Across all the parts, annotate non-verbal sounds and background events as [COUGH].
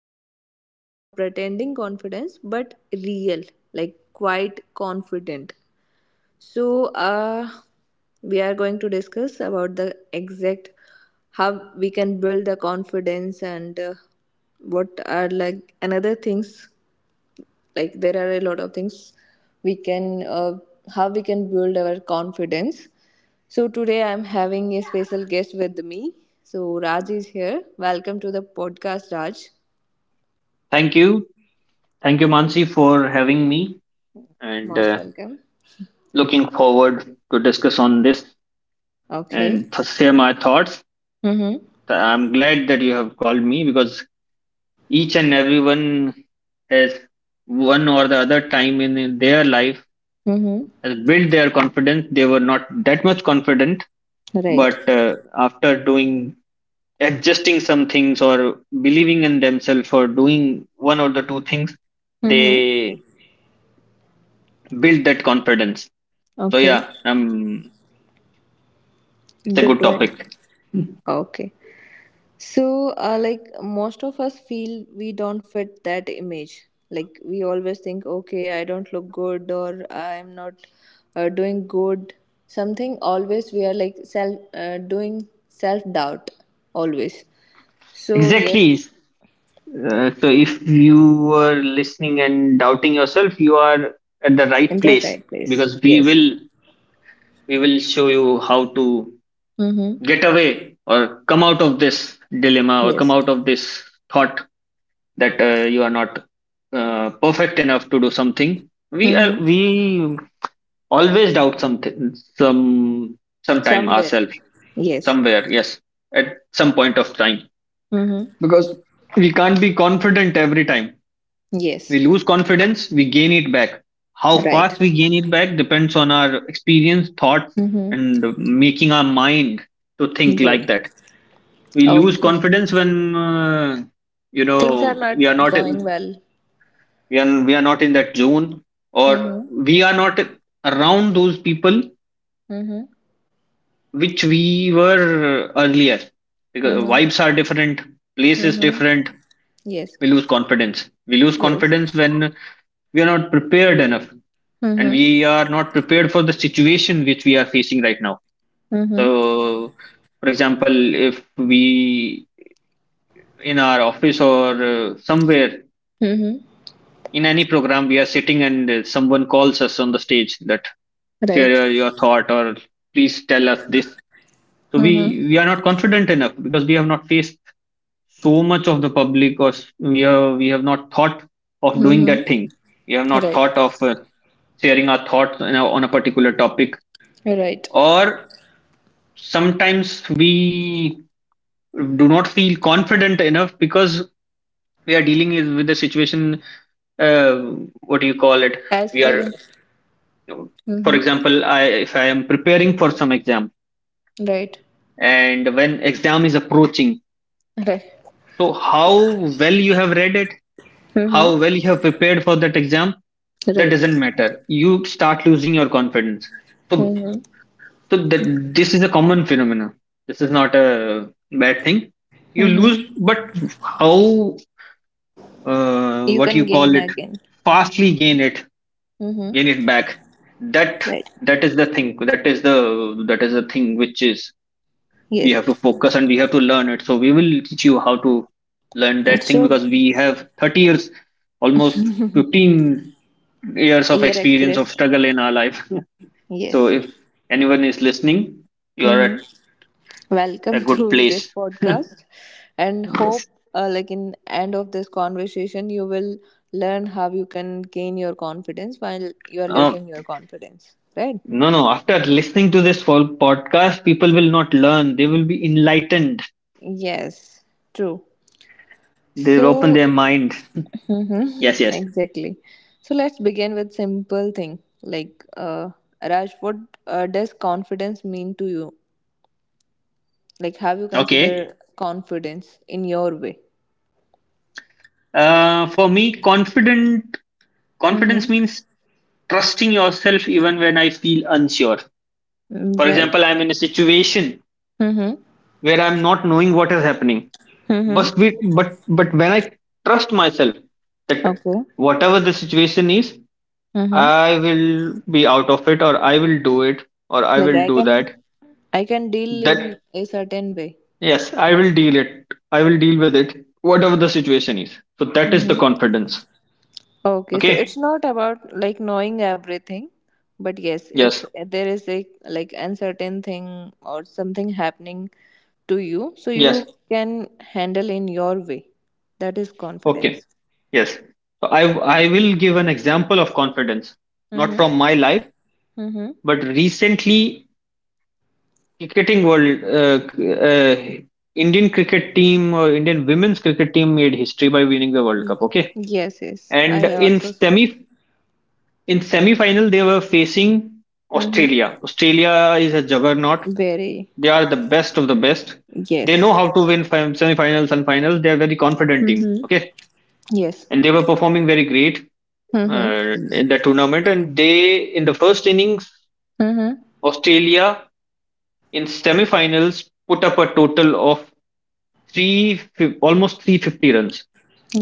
confidence, not pretending confidence, but real, like, quite confident. So, we are going to discuss about the exact how we can build the confidence, and what are like another things, like there are a lot of things we can how we can build our confidence. So today I'm having a special guest with me. So Raj is here. Welcome to the podcast, Raj. Thank you. Thank you, Mansi, for having me and Most uh, welcome. looking forward to discuss on this Okay. and to share my thoughts. Mm-hmm. I'm glad that you have called me because each and everyone has one or the other time in their life Mm-hmm. has built their confidence. They were not that much confident, Right. but after doing adjusting some things or believing in themselves or doing one or the two things, Mm-hmm. they build that confidence. So Okay. It's a Good good to end. topic. Okay. So, like most of us feel we don't fit that image. Like we always think, okay, I don't look good or I'm not doing good. Something always we are like self doing self doubt always. So yes, Exactly. So if you were listening and doubting yourself, you are at the in right the place right place. because we Yes. will we will show you how to Mm-hmm. get away or come out of this dilemma or come Yes. out of this thought that you are not perfect enough to do something. We are, Mm-hmm. we always doubt something sometime Somewhere. ourselves Yes. somewhere. Yes, at some point of time. Mm-hmm. Because we can't be confident every time. We Yes. lose confidence, we gain it back. How Right. fast we gain it back depends on our experience, thoughts, Mm-hmm. and making our mind to think like Right. that. We lose Okay. confidence when Things are we are not not going in well. we are not in that zone or Mm-hmm. we are not around those people Mm-hmm. which we were earlier because Mm-hmm. vibes are different, place is Mm-hmm. different. Yes. We lose Yes. confidence when we are not prepared enough and Mm-hmm. we are not prepared for the situation which we are facing right now. Mm-hmm. So for example, if we in our office or somewhere Mm-hmm. in any program we are sitting and someone calls us on the stage that share Right. your thought or please tell us this, so we Mm-hmm. we are not confident enough because we have not faced so much of the public or we have not thought of doing Mm-hmm. that thing. We have not Right. thought of sharing our thoughts on on a particular topic, Right. or sometimes we do not feel confident enough because we are dealing with the situation. uh, what do you call it, As we per are, the. for Mm-hmm. example, I if I am preparing for some exam, Right. and when exam is approaching, Right. so how well you have read it, Mm-hmm. how well you have prepared for that exam, that Right. doesn't matter, you start losing your confidence. So, Mm-hmm. so that this is a common phenomena. This is not a bad thing. You Mm-hmm. lose, but how, You what you can call gain it, again. fastly Mm-hmm. gain it back. That Right. that is the thing. That is the thing which is we Yes. have to focus and we have to learn it. So we will teach you how to learn that thing So because we have 30 years, almost 15 years of year experience of express. struggle in our life. [LAUGHS] So Yes. if anyone is listening, you are Mm-hmm. at a Welcome [LAUGHS] good to this place. [LAUGHS] podcast, and hope like in end of this conversation you will learn how you can gain your confidence while you are Uh, losing your confidence, right? no, no. After listening to this whole podcast, people will not learn. They will be enlightened. Yes, true. They So, will open their mind. [LAUGHS] mhm, Yes, yes. exactly. So let's begin with simple thing, like, Raj, what does confidence mean to you? Like, have you Okay. considered confidence in your way? For me, confident Mm-hmm. confidence means trusting yourself even when I feel unsure. For Right. example, I'm in a situation Mm-hmm. where I'm not knowing what is happening. Mm-hmm. But we, but when I trust myself that Okay. whatever the situation is, Mm-hmm. I will be out of it, or I will do it, or I Like will I do can that. I can deal in That, a certain way. yes, I will deal it. I will deal with it, whatever the situation is. So that is the Mm-hmm. confidence. Okay, so it's Okay. not about like knowing everything, but yes, if Yes. there is a like uncertain thing or something happening to you, so Yes. you can handle in your way. That is Okay. confidence. Yes. So I will give an example of confidence, not Mm-hmm. from my life, Mm-hmm. but recently cricketing world, uh, Indian cricket team or Indian women's cricket team made history by winning the World Cup. Okay. Yes, yes. And I in also so. Semi final they were facing Mm-hmm. Australia. Australia is a juggernaut. Very. They are the best of the best. They Yes. know how to win semifinals and finals. They are very confident team. Mm-hmm. Okay, Yes. and they were performing very great Mm-hmm. In the tournament. And they in the first innings, Mm-hmm. Australia in semifinals put up a total of almost 350 runs.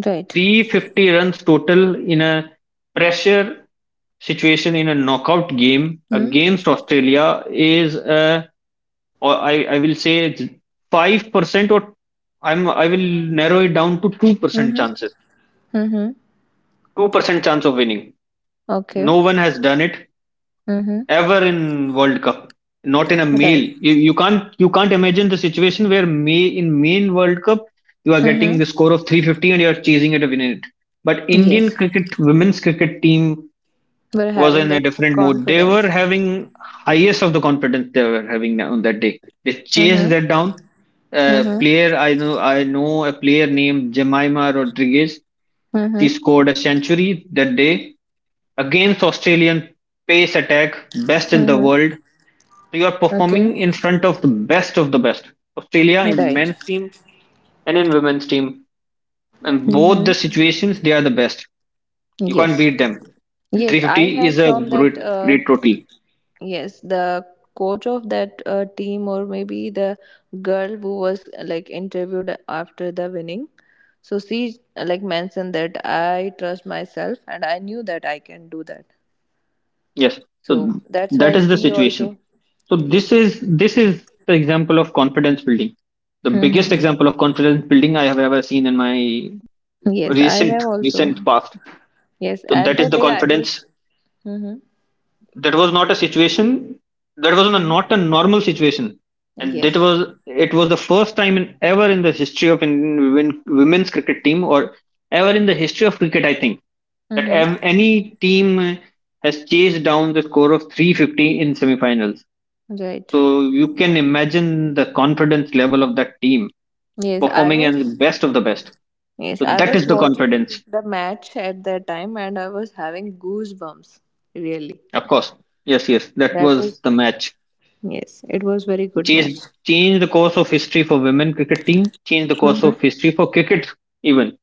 Right. 350 runs total in a pressure situation in a knockout game against Australia is a, or I will say it's 5%, or I will narrow it down to 2% Mm-hmm. chances. Mm-hmm. 2% chance of winning. Okay. No one has done it Mm-hmm. ever in World Cup. Not in a male. Right. You can't, you can't imagine the situation where may in main World Cup you are getting Mm-hmm. the score of 350 and you are chasing it to win it. But Indian Yes. cricket women's cricket team We're was having in a that different mood. They were confidence. having highest of the confidence they were having on that day. They chased Mm-hmm. that down. A Mm-hmm. player I know a player named Jemima Rodriguez. She Mm-hmm. scored a century that day against Australian pace attack, best in the Mm-hmm. world. So you are Okay. performing in front of the best of the best. Australia in Right. men's team and in women's team, and both Mm-hmm. the situations they are the best. You can't Yes. beat them. And Yes, I 350 have is a shown that great total. yes, the coach of that team or maybe the girl who was like interviewed after the winning. So she like mentioned that I trust myself and I knew that I can do that. Yes. So So that's that why is the she situation. also So this yes. is this is the example of confidence building. The Mm-hmm. biggest example of confidence building I have ever seen in my Yes, I have also. recent past. Yes, So at that is that the day I confidence. was. Mm-hmm. That was not a situation. That was Mm-hmm. not a normal situation, and that Yes. was, it was the first time in, ever in the history of Indian women's cricket team, or ever in the history of cricket. I think that Mm-hmm. Any team has chased down the score of 350 in semifinals. Right. So you can imagine the confidence level of that team Yes, I performing was. and best of the best. Yes, So I that was is the watching confidence, the match at that time, and I was having goosebumps. Really, of course. Yes, yes, that that was was. the match. Yes, it was very good match. Changed, Changed the course of history for women cricket team. Changed the course Mm-hmm. of history for cricket even.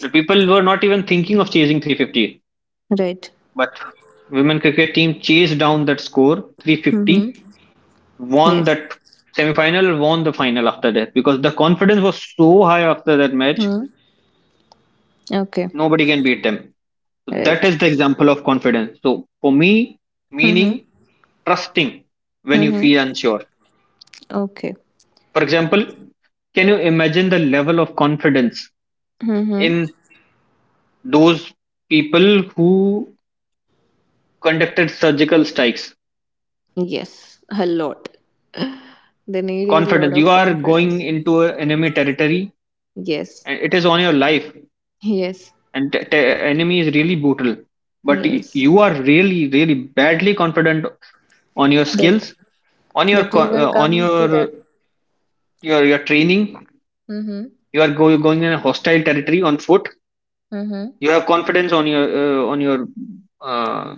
The people were not even thinking of chasing 350, Right. but women cricket team chased down that score Mm-hmm. 350, won Yes. that semi-final, won the final after that because the confidence was so high after that match. Mm-hmm. Okay. Nobody can beat them. That Right. is the example of confidence. So for me, meaning Mm-hmm. trusting when you Mm-hmm. feel unsure. Okay. For example, can you imagine the level of confidence in Mm-hmm. those people who conducted surgical strikes? Yes, a lot. They need a lot Confidence, you of are going confidence. into a enemy territory Yes, and it is on your life, yes, and enemy is really brutal, but yes. you are really really badly confident on your That skills, on your that you co- will uh, on come to that. Your training. Mm-hmm. You are going in a hostile territory on foot. Mm-hmm. You have confidence on your on your uh,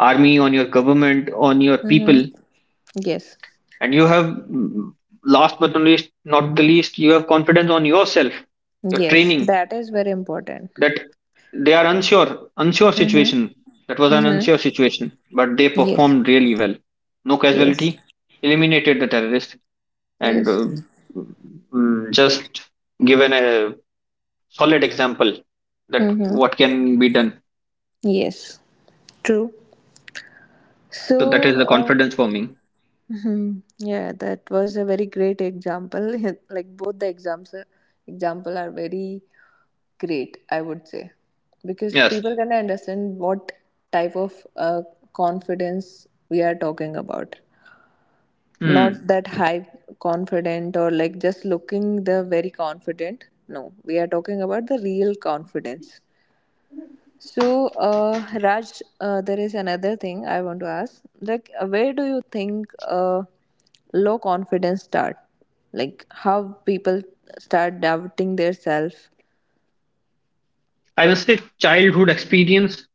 army, on your government, on your Mm-hmm. people, Yes, and you have mm, last but not least, not the least, you have confidence on yourself, your yes. training. That is very important. That they are unsure, unsure Mm-hmm. situation, that was an Mm-hmm. unsure situation, but they Yes, performed really well. No casualty, yes, eliminated the terrorist, and uh, yes. mm, just given a solid example that Mm-hmm. what can be done. Yes. True. So that So, is the confidence forming. mhm. Yeah, that was a very great example. [LAUGHS] Like both the example are very great, I would say, because Yes. people can understand what type of uh, confidence we are talking about. Hmm. Not that high confident or like just looking the very confident. No, we are talking about the real confidence. So, Raj, there is another thing I want to ask. Like, where do you think low confidence start? Like, how people start doubting their self? I will say childhood experience,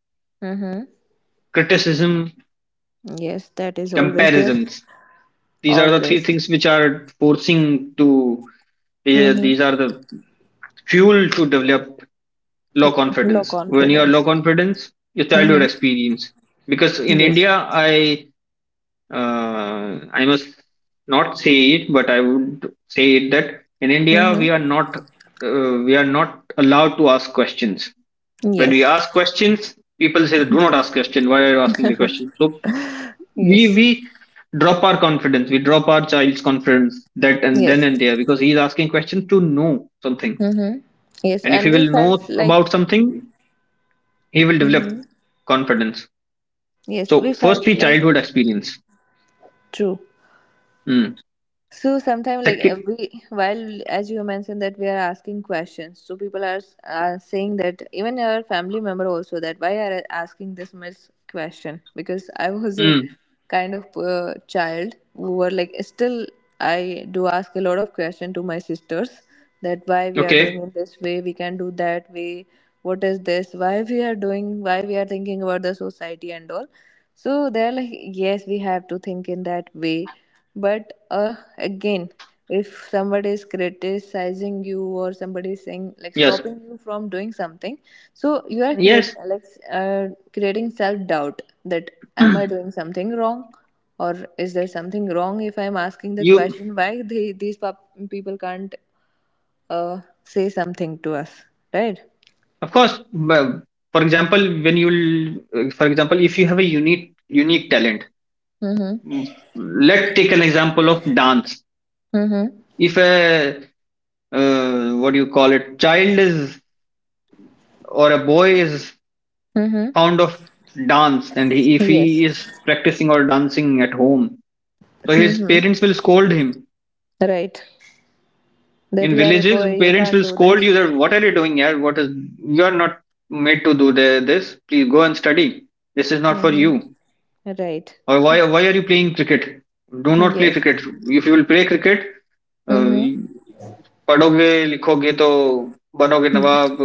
Mm-hmm. criticism, Yes, that is always there. comparisons. These are the three Always. things which are forcing to. These Mm-hmm. are the fuel to develop low Low confidence. When you are low confidence. confidence, your childhood Mm-hmm. experience. Because in Yes. India, I must not say it, but I would say it that in India Mm-hmm. We are not allowed to ask questions. When we Yes. ask questions, people say, "Do not ask question. Why are you asking the question?" So we Yes. we drop our confidence, we drop our child's confidence that and then Yes. and there because he's asking questions to know something, Mm-hmm. Yes, and if he and we will know felt about like. something, he will Mm-hmm. develop confidence. Yes, So we felt firstly, like childhood experience. true. Mm. So sometimes, like, Second, we, while as you mentioned that we are asking questions, so people are are saying that even our family member also that why are I asking this much question? Because I was a mm, kind of child who were like still I do ask a lot of question to my sisters that why we are doing okay, it this way, we can do that way, what is this, why we are doing, why we are thinking about the society and all. So they're like, yes, we have to think in that way, but again, if somebody is criticizing you or somebody is saying like yes. stopping you from doing something, so you are create Yes, like creating self doubt that am I [CLEARS THROAT] doing something wrong, or is there something wrong if I am asking the you, question why they, these people can't say something to us, right? of course. Well, for example, when you, for example, if you have a unique talent, Mm-hmm. mm, let's take an example of dance. Mm-hmm. If a, what do you call it, child is or a boy is Mm-hmm. fond of dance, and he, if he Yes. is practicing or dancing at home, so his Mm-hmm. parents will scold him. Right. That In you are a boy, villages, you parents can't will do scold that. you that what are you doing here? What is, you are not made to do the, this? Please go and study. This is not for Mm-hmm. you. Right. Or why are you playing cricket? Do not play Yes. cricket. If you will play cricket, uh, Mm-hmm. पढ़ोगे लिखोगे तो बनोगे नवाब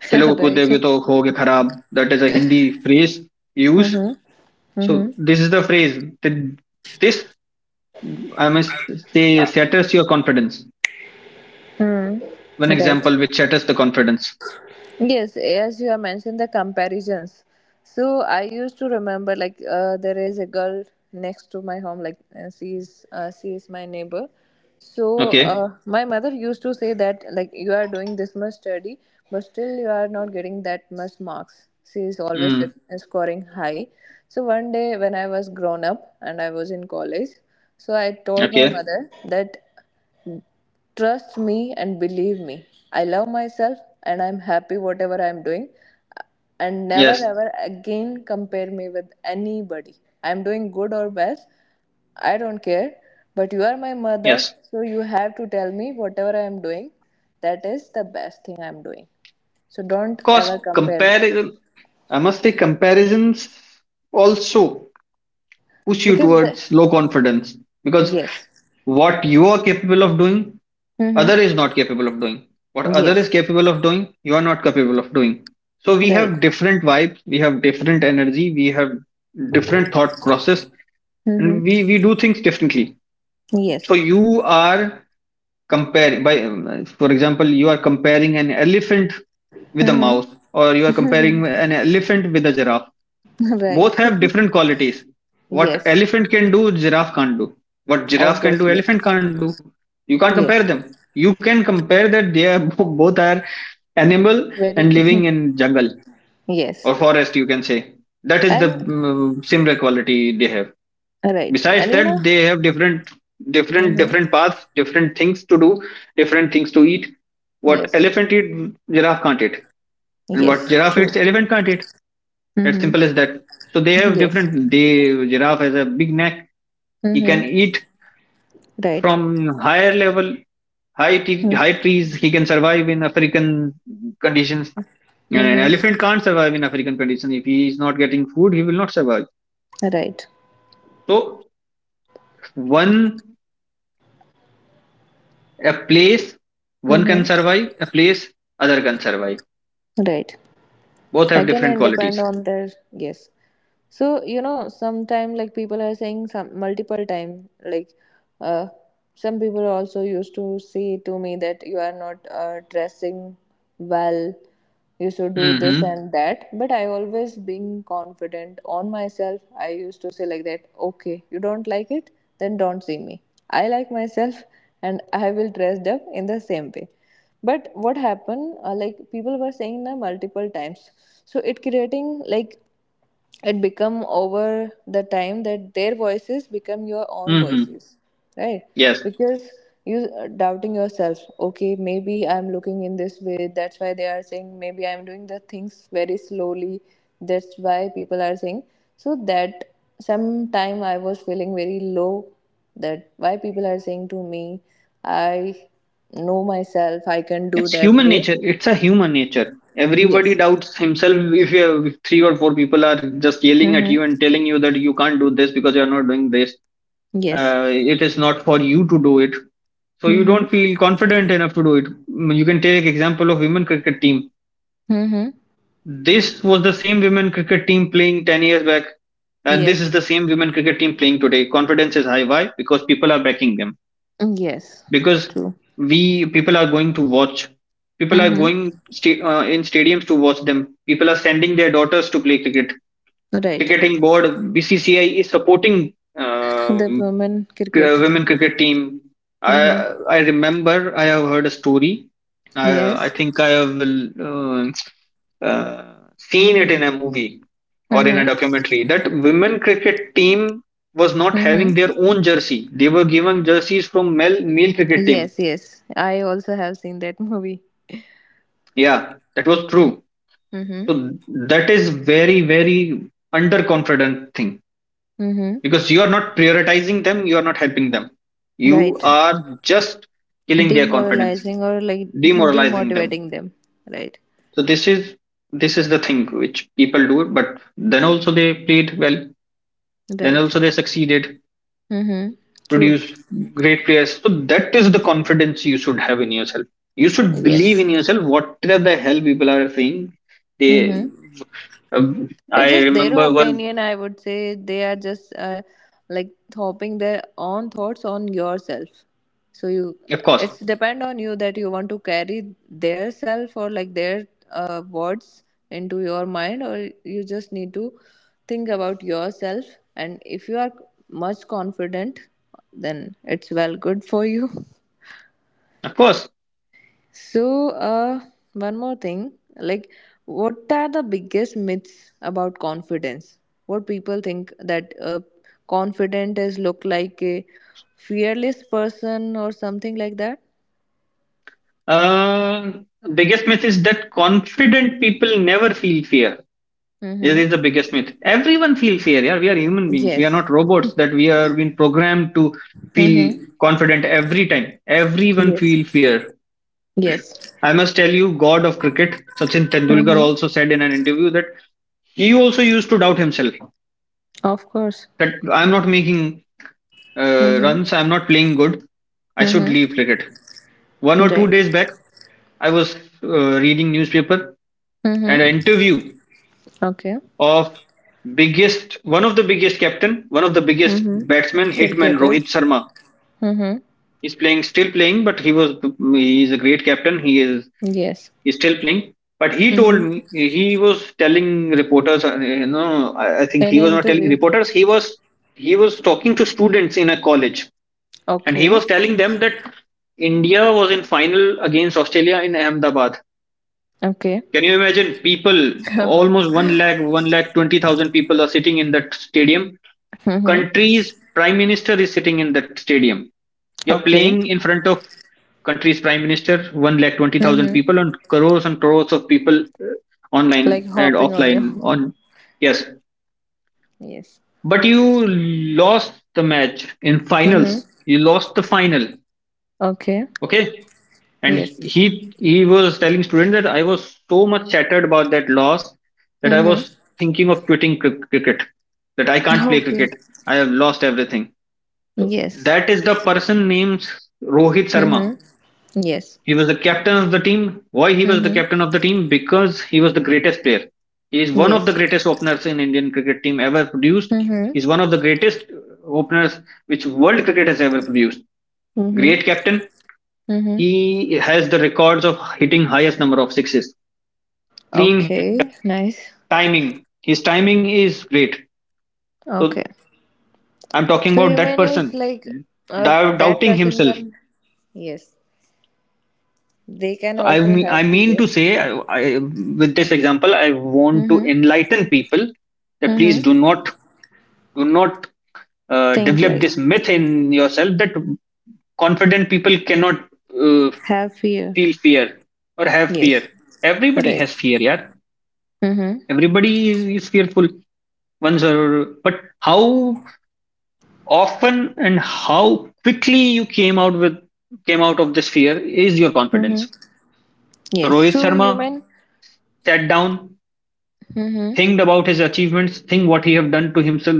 [LAUGHS] खेलोगे right. कूदोगे तो होगे खराब. That is a Hindi phrase used. Mm-hmm. So Mm-hmm. this is the phrase that this I must say shatters your confidence. Mm. One Right. example which shatters the confidence. Yes, as you have mentioned the comparisons. So I used to remember like there is a girl next to my home, like, she is, she is my neighbor. So Okay. My mother used to say that like you are doing this much study, but still you are not getting that much marks. She is always Mm, scoring high. So one day when I was grown up and I was in college, so I told my okay, mother that trust me and believe me, I love myself and I'm happy whatever I'm doing. And never yes, ever again compare me with anybody. I'm doing good or bad, I don't care. But you are my mother, yes. so you have to tell me whatever I'm doing. That is the best thing I'm doing. So don't Of course, ever compare compare. me. I must say comparisons also push you Because the. towards low confidence, because Yes. what you are capable of doing, Mm-hmm. other is not capable of doing. What other is Yes. capable of doing, you are not capable of doing. So we Right. have different vibes, we have different energy, we have different thought process, and Mm-hmm. we do things differently. Yes. So you are comparing by, for example, you are comparing an elephant with a Mm-hmm. mouse, or you are comparing an elephant with a giraffe. [LAUGHS] Right. Both have different qualities. What [LAUGHS] yes. elephant can do, giraffe can't do. What giraffe can do, Obviously. elephant can't do. You can't compare Yes, them. You can compare that they are [LAUGHS] both are animal very. and living [LAUGHS] in jungle yes, or forest. You can say that is the and similar quality they have. right, Besides and you know. that, they have different, different, Mm-hmm. different paths, different things to do, different things to eat. What Yes, elephant eat, giraffe can't eat, and what yes, giraffe eats, true. elephant can't eat. As Mm-hmm. simple as that. So they have Yes. different. The giraffe has a big neck. He can Mm-hmm. eat Right. from higher level, Mm-hmm. high trees. He can survive in African conditions. And an Mm-hmm. elephant can't survive in African conditions. If he is not getting food, he will not survive. Right. So one a place one can Mm-hmm. survive, a place other can survive. Right. Both have Again, different and depend qualities. on their yes. So, you know, sometime like people are saying some multiple time, like, uh, some people also used to say to me that you are not dressing well, you should do this Mm-hmm. and that. But I always being confident on myself. I used to say like that, okay, you don't like it, then don't see me. I like myself and I will dress up in the same way, but what happened like people were saying that multiple times, so it creating like it become over the time that their voices become your own Mm-hmm. voices, right? Yes. Because you are doubting yourself. Okay, maybe I'm looking in this way, that's why they are saying. Maybe I'm doing the things very slowly, that's why people are saying. So that sometime I was feeling very low that why people are saying to me. I know myself, I can do It's that human way. nature. It's a human nature. Everybody Yes. doubts himself if if 3 or 4 people are just yelling at Mm-hmm. you and telling you that you can't do this because you are not doing this. Yes. It is not for you to do it. So you Mm-hmm. don't feel confident enough to do it. Mm, you can take example of women cricket team. Mm-hmm. This was the same women cricket team playing 10 years back. And this is Yes. the same women cricket team playing today. Confidence is high. Why? Because people are backing them, Yes. because True. we people are going to watch, people are Mm-hmm. going in stadiums to watch them, people are sending their daughters to play cricket. Right. Cricketing board, BCCI, is supporting The women cricket. women cricket team. i Mm-hmm. i remember I have heard a story. i, I Yes. think I have will, uh, seen it in a movie or in a Mm-hmm. documentary that women cricket team was not Mm-hmm. having their own jersey. They were given jerseys from male cricket team. Yes, yes. I also have seen that movie. Yeah, that was true. Mm-hmm. So that is very, very underconfident thing, Mm-hmm. because you are not prioritizing them, you are not helping them. You Right. are just killing their confidence, Demoralizing or like [LAUGHS] demoralizing them. demotivating them. Right. So this is the thing which people do, but then also they played well, then Right. also they succeeded. Mm-hmm. True. Produce great players. So that is the confidence you should have in yourself. You should believe Yes. in yourself. Whatever the hell people are saying, they. Mm-hmm. It's I just their remember one. opinion, I would say. They are just like hoping their own thoughts on yourself. So you, Of course, it's depend on you that you want to carry their self or like their words into your mind, or you just need to think about yourself. And if you are much confident, then it's well good for you. [LAUGHS] of course. So, one more thing, like, what are the biggest myths about confidence? What people think that confident is look like a fearless person or something like that? Uh, biggest myth is that confident people never feel fear. This Mm-hmm. is the biggest myth. Everyone feels fear. Yeah, we are human beings. We are Yes. not robots that we are being programmed to feel Mm-hmm. confident every time. Everyone Yes. feel fear. Yes. I must tell you, God of cricket, Sachin Tendulkar Mm-hmm. also said in an interview that he also used to doubt himself, Of course. that I'm not making Mm-hmm. runs, I'm not playing good, I should Mm-hmm. leave cricket. One or two Right. days back, I was reading newspaper and an Mm-hmm. interview Okay. of biggest one of the biggest captain, one of the biggest Mm-hmm. batsman, hitman Cricketer. Rohit Sharma. Mm-hmm. He's playing, still playing, but he is a great captain. Yes. He's still playing. But he told Mm-hmm. me he was telling reporters. You know, I think An he was not telling interview. reporters. He was talking to students in a college, and he Okay. was telling them that India was in final against Australia in Ahmedabad. Okay. Can you imagine? People, [LAUGHS] almost one lakh 20,000 people are sitting in that stadium, mm-hmm. country's prime minister is sitting in that stadium. You're Okay. playing in front of country's prime minister, one lakh 20,000 people, Mm-hmm. And crores of people online Like and hopping on you. offline. [LAUGHS] On yes, Yes. but you lost the match in finals. Mm-hmm. You lost the final. Okay. Okay, and Yes. he was telling student that I was so much shattered about that loss that I was Mm-hmm. thinking of quitting cricket. That I can't play Okay. cricket. I have lost everything. So Yes. that is the person named Rohit Sharma. Mm-hmm. Yes. He was the captain of the team. Why he was the Mm-hmm. captain of the team? Because he was the greatest player. He is one of the Yes. greatest openers in Indian cricket team ever produced. Mm-hmm. He is one of the greatest openers which world cricket has ever produced. Great Mm-hmm. captain. Mm-hmm. He has the records of hitting highest number of sixes. Clean Okay. Nice. timing. His timing is great. Okay. So I'm talking So about you that mean is person. like, that Doubting person himself. can, yes, they can So also I have mean fear. to say, with this example, I want to Mm-hmm. enlighten people that please Mm-hmm. do not do not Think develop like this myth in yourself that confident people cannot uh, have fear. feel fear or have Yes. fear. Everybody Right. has fear, yeah. Mm-hmm. Is fearful. Once or but how often and how quickly you came out with came out of this fear is your confidence. Mm-hmm. So Yes. Rohit So you Sharma mean. sat down, Mhm. think about his achievements, think what he have done to himself,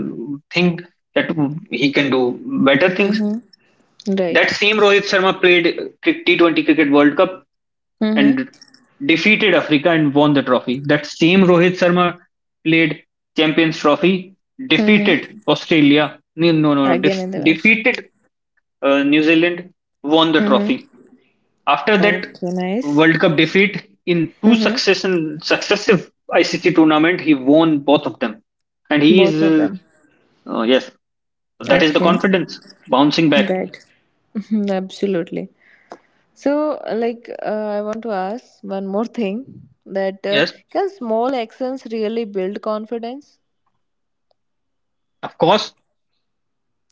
think that he can do better things. Mhm. Right. That same Rohit Sharma played T20 cricket world cup Mhm. and defeated Africa and won the trophy. That same Rohit Sharma played champions trophy, Mhm. defeated australia no no no, no Again def- in the intervention. defeated New Zealand, won the Mhm. trophy. After that Okay. Nice. World Cup defeat in two Mhm. succession successive ICC tournament, he won both of them, and he Both of is them. Yes, that is the Okay. confidence bouncing back. Right. Mhm, absolutely. So, like, I want to ask one more thing, that Yes, can small actions really build confidence? of course,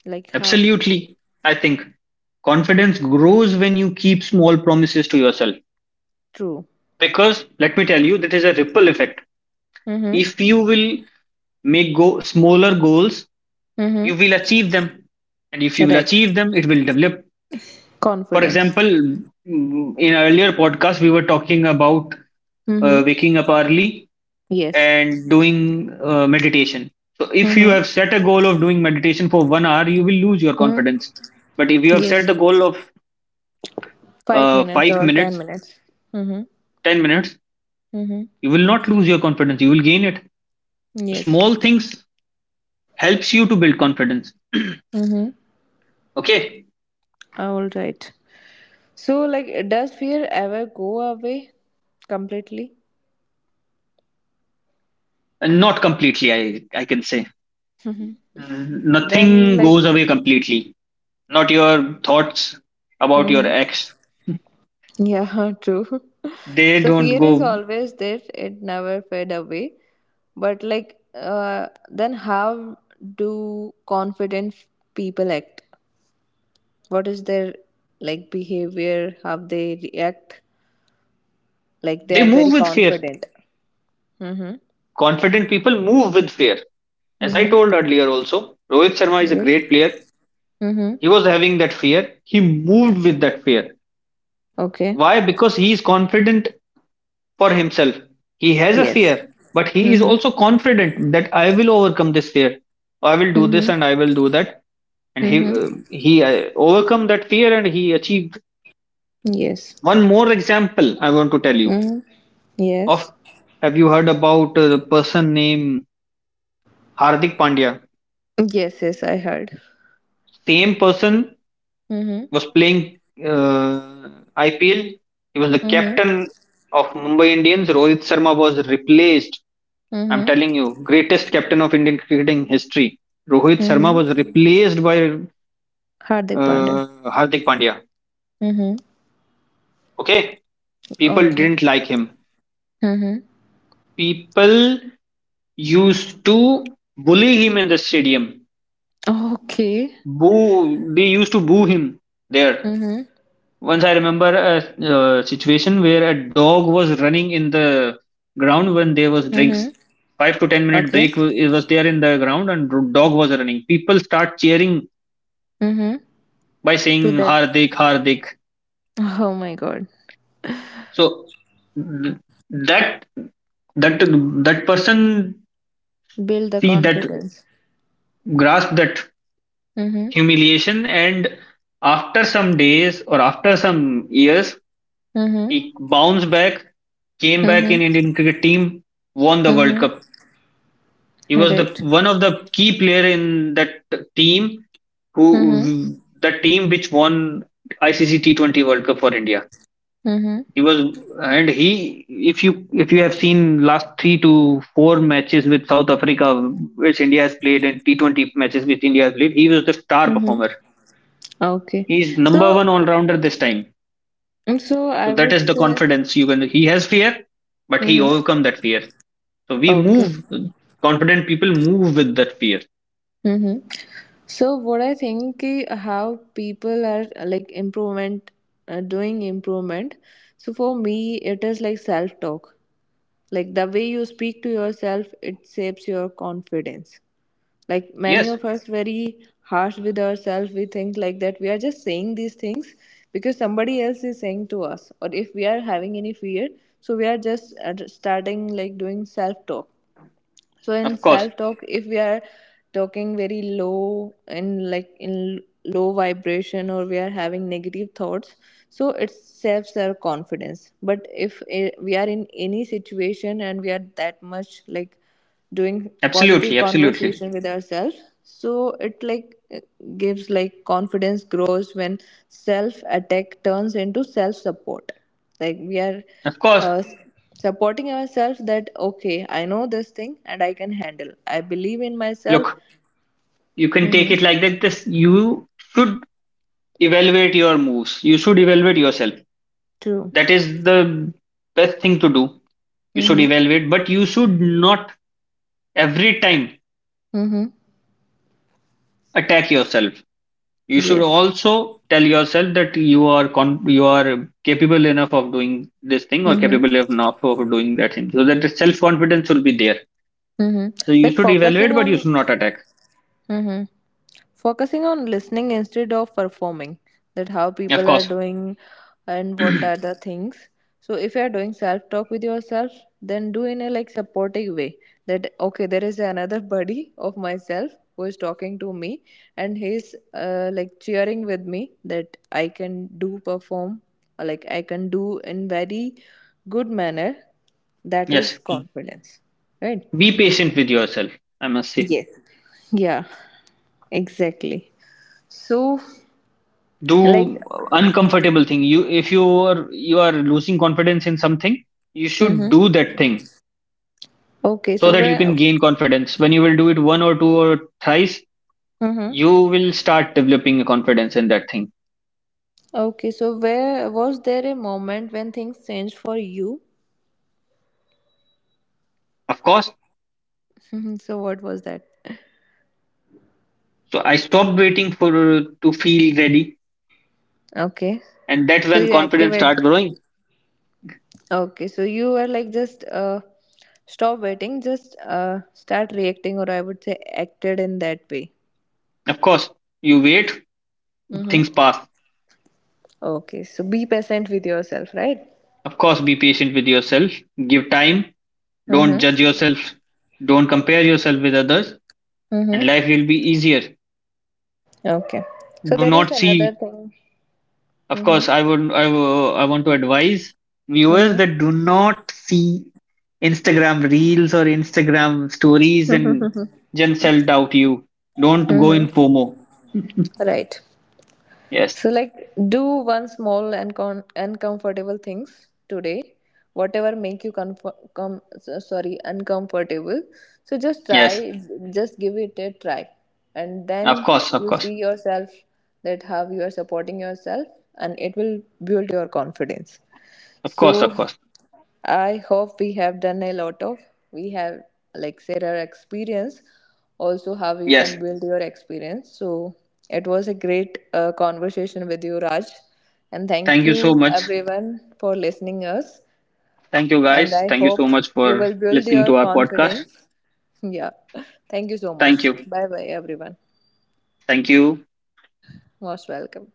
Like, how? absolutely. I think confidence grows when you keep small promises to yourself, True. because let me tell you, that is a ripple effect. Mm-hmm. If you will make go smaller goals, Mm-hmm. you will achieve them, and if you will Right. achieve them, it will develop. For example, Confidence. In our earlier podcast, we were talking about Mm-hmm. waking up early Yes. and doing meditation. So, if you Mm-hmm. have set a goal of doing meditation for 1 hour, you will lose your Mm-hmm. confidence. But if you have set the Yes. goal of Five minutes five or ten minutes, minutes. Mm-hmm. 10 minutes, Mm-hmm. you will not lose your confidence. You will gain it. Yes. Small things helps you to build confidence. Mm-hmm. Okay, All right. So, like, does fear ever go away completely? and not completely. I can say, mm, Then, nothing like, goes away completely. Not your thoughts about your mm-hmm. ex. Yeah, [LAUGHS] true. They So, don't fear is go, always there, it never fade away. But, like, then how do confident people act? What is their, like, behavior? How they react? Like, they they are very move with fear. confident. Mm-hmm. Confident people move with fear. As I Mm-hmm. told earlier, also, Rohit Sharma is a Yes. great player. Mm-hmm. He was having that fear. He moved with that fear. Okay. Why? Because he is confident for himself. He has a Yes. fear, but he is Mm-hmm. also confident that I will overcome this fear. I will do this Mm-hmm. and I will do that. And he uh, Mm-hmm. he uh, overcome that fear and he achieved Yes. one more example. I want to tell you Mm-hmm. of. Yes. Have you heard about the person named Hardik Pandya? Yes, yes, I heard. Same person Mm-hmm. was playing uh, IPL. He was the Mm-hmm. captain of Mumbai Indians. Rohit Sharma was replaced. I'm Mm-hmm. telling you, greatest captain of Indian cricketing history. Rohit Sharma Mm-hmm. was replaced by Hardik Pandya. uh, Hardik Pandya. Mm-hmm. Okay, people Okay. didn't like him. Mm-hmm. People used to bully him in the stadium. Okay. Boo! They used to boo him there. Mm-hmm. Once I remember a situation where a dog was running in the ground when there was drinks. Mm-hmm. 5 to 10 minute Okay. break it was there in the ground and dog was running. People start cheering Mm-hmm. by To saying that. Hardik, Hardik. Oh my god. So th- that that that person Build the see that, confidence. grasp that Mm-hmm. humiliation, and after some days or after some years, Mm-hmm. he bounced back, came back Mm-hmm. in Indian cricket team, won the world Mm-hmm. cup. He was the Right. one of the key player in that team Mm-hmm. who the team which won ICC T20 World Cup for India. Mm-hmm. He was and he, if you have seen last 3 to 4 matches with South Africa which India has played, and T20 matches which India has played, he was the star Mm-hmm. performer. Okay. He is number So one all rounder this time. and so So I that would is the say, confidence you can. He has fear, but he hmm, overcome that fear. So we okay. move, confident people move with that fear. Hmm. So what I think ki how people are like improvement, doing improvement. So for me, it is like self talk. Like the way you speak to yourself, it shapes your confidence. Like many Yes, of us, very harsh with ourselves. We think like that we are just saying these things because somebody else is saying to us, or if we are having any fear, so we are just starting like doing self talk. So in of course. self talk, if we are talking very low and like in low vibration, or we are having negative thoughts, so it saves our confidence. But if eh, we are in any situation and we are that much like doing positive Absolutely, absolutely. conversation with ourselves, so it like eh, gives like confidence grows when self attack turns into self support. Like we are Of course, uh, s- supporting yourself that okay, I know this thing and I can handle, I believe in myself. look, you can Mm-hmm. take it like that. This you should evaluate your moves. You should evaluate yourself. True. That is the best thing to do. You should Mm-hmm. evaluate, but you should not every time Mm-hmm. attack yourself. You should Yes. also tell yourself that you are you are capable enough of doing this thing or capable Mm-hmm. enough of doing that thing. So that self confidence will be there. Mm-hmm. So you Like should focusing evaluate, but you on, should not attack. mm-hmm. Focusing on listening instead of performing, that how Of people are course, doing and what are the [CLEARS THROAT] things. So if you are doing self talk with yourself, then do in a like supportive way, that okay, there is another buddy of myself who is talking to me, and he's like cheering with me that I can do perform or like I can do in very good manner. That is yes. confidence, right? Be patient with yourself, I must say. Yes. Yeah, exactly. So, Do like, uncomfortable thing. You, if you are you are losing confidence in something, you should mm-hmm. do that thing, Okay, so so that you where, can gain confidence. When you will do it one or two or thrice, mm-hmm. you will start developing a confidence in that thing. Okay, so where, was there a moment when things changed for you? Of course. Mhm. So what was that? So I stopped waiting for to feel ready, Okay, and that's so when you confidence activate. start growing. Okay, so you were like just stop waiting, just start reacting, or I would say acted in that way. Of course, you wait, Mm-hmm. things pass. Okay, so be patient with yourself, right? Of course, be patient with yourself, give time, don't Mm-hmm. judge yourself, don't compare yourself with others, and Mm-hmm. life will be easier. Okay. So Do there is not see. another thing. Of Mm-hmm. course, I would, I want to advise viewers that do not see Instagram reels or Instagram stories and Mm-hmm. [LAUGHS] just sell doubt you. Don't go in mm-hmm. FOMO. [LAUGHS] Right. Yes, So like do one small and uncomfortable things today, whatever make you comfort sorry, uncomfortable, so just try, yes. just give it a try, and Of then course, of you course. see yourself that how you are supporting yourself, and it will build your confidence. Of So course, of course. I hope we have done a lot of, we have like said our experience, also how you can Yes, build your experience. So it was a great conversation with you, Raj, and thank thank you so you much. everyone for listening us. Thank you And guys, I thank you so hope much you for will build listening your to our podcast. confidence. [LAUGHS] Yeah, thank you so Thank much. you, Bye bye, everyone. thank you. Most welcome.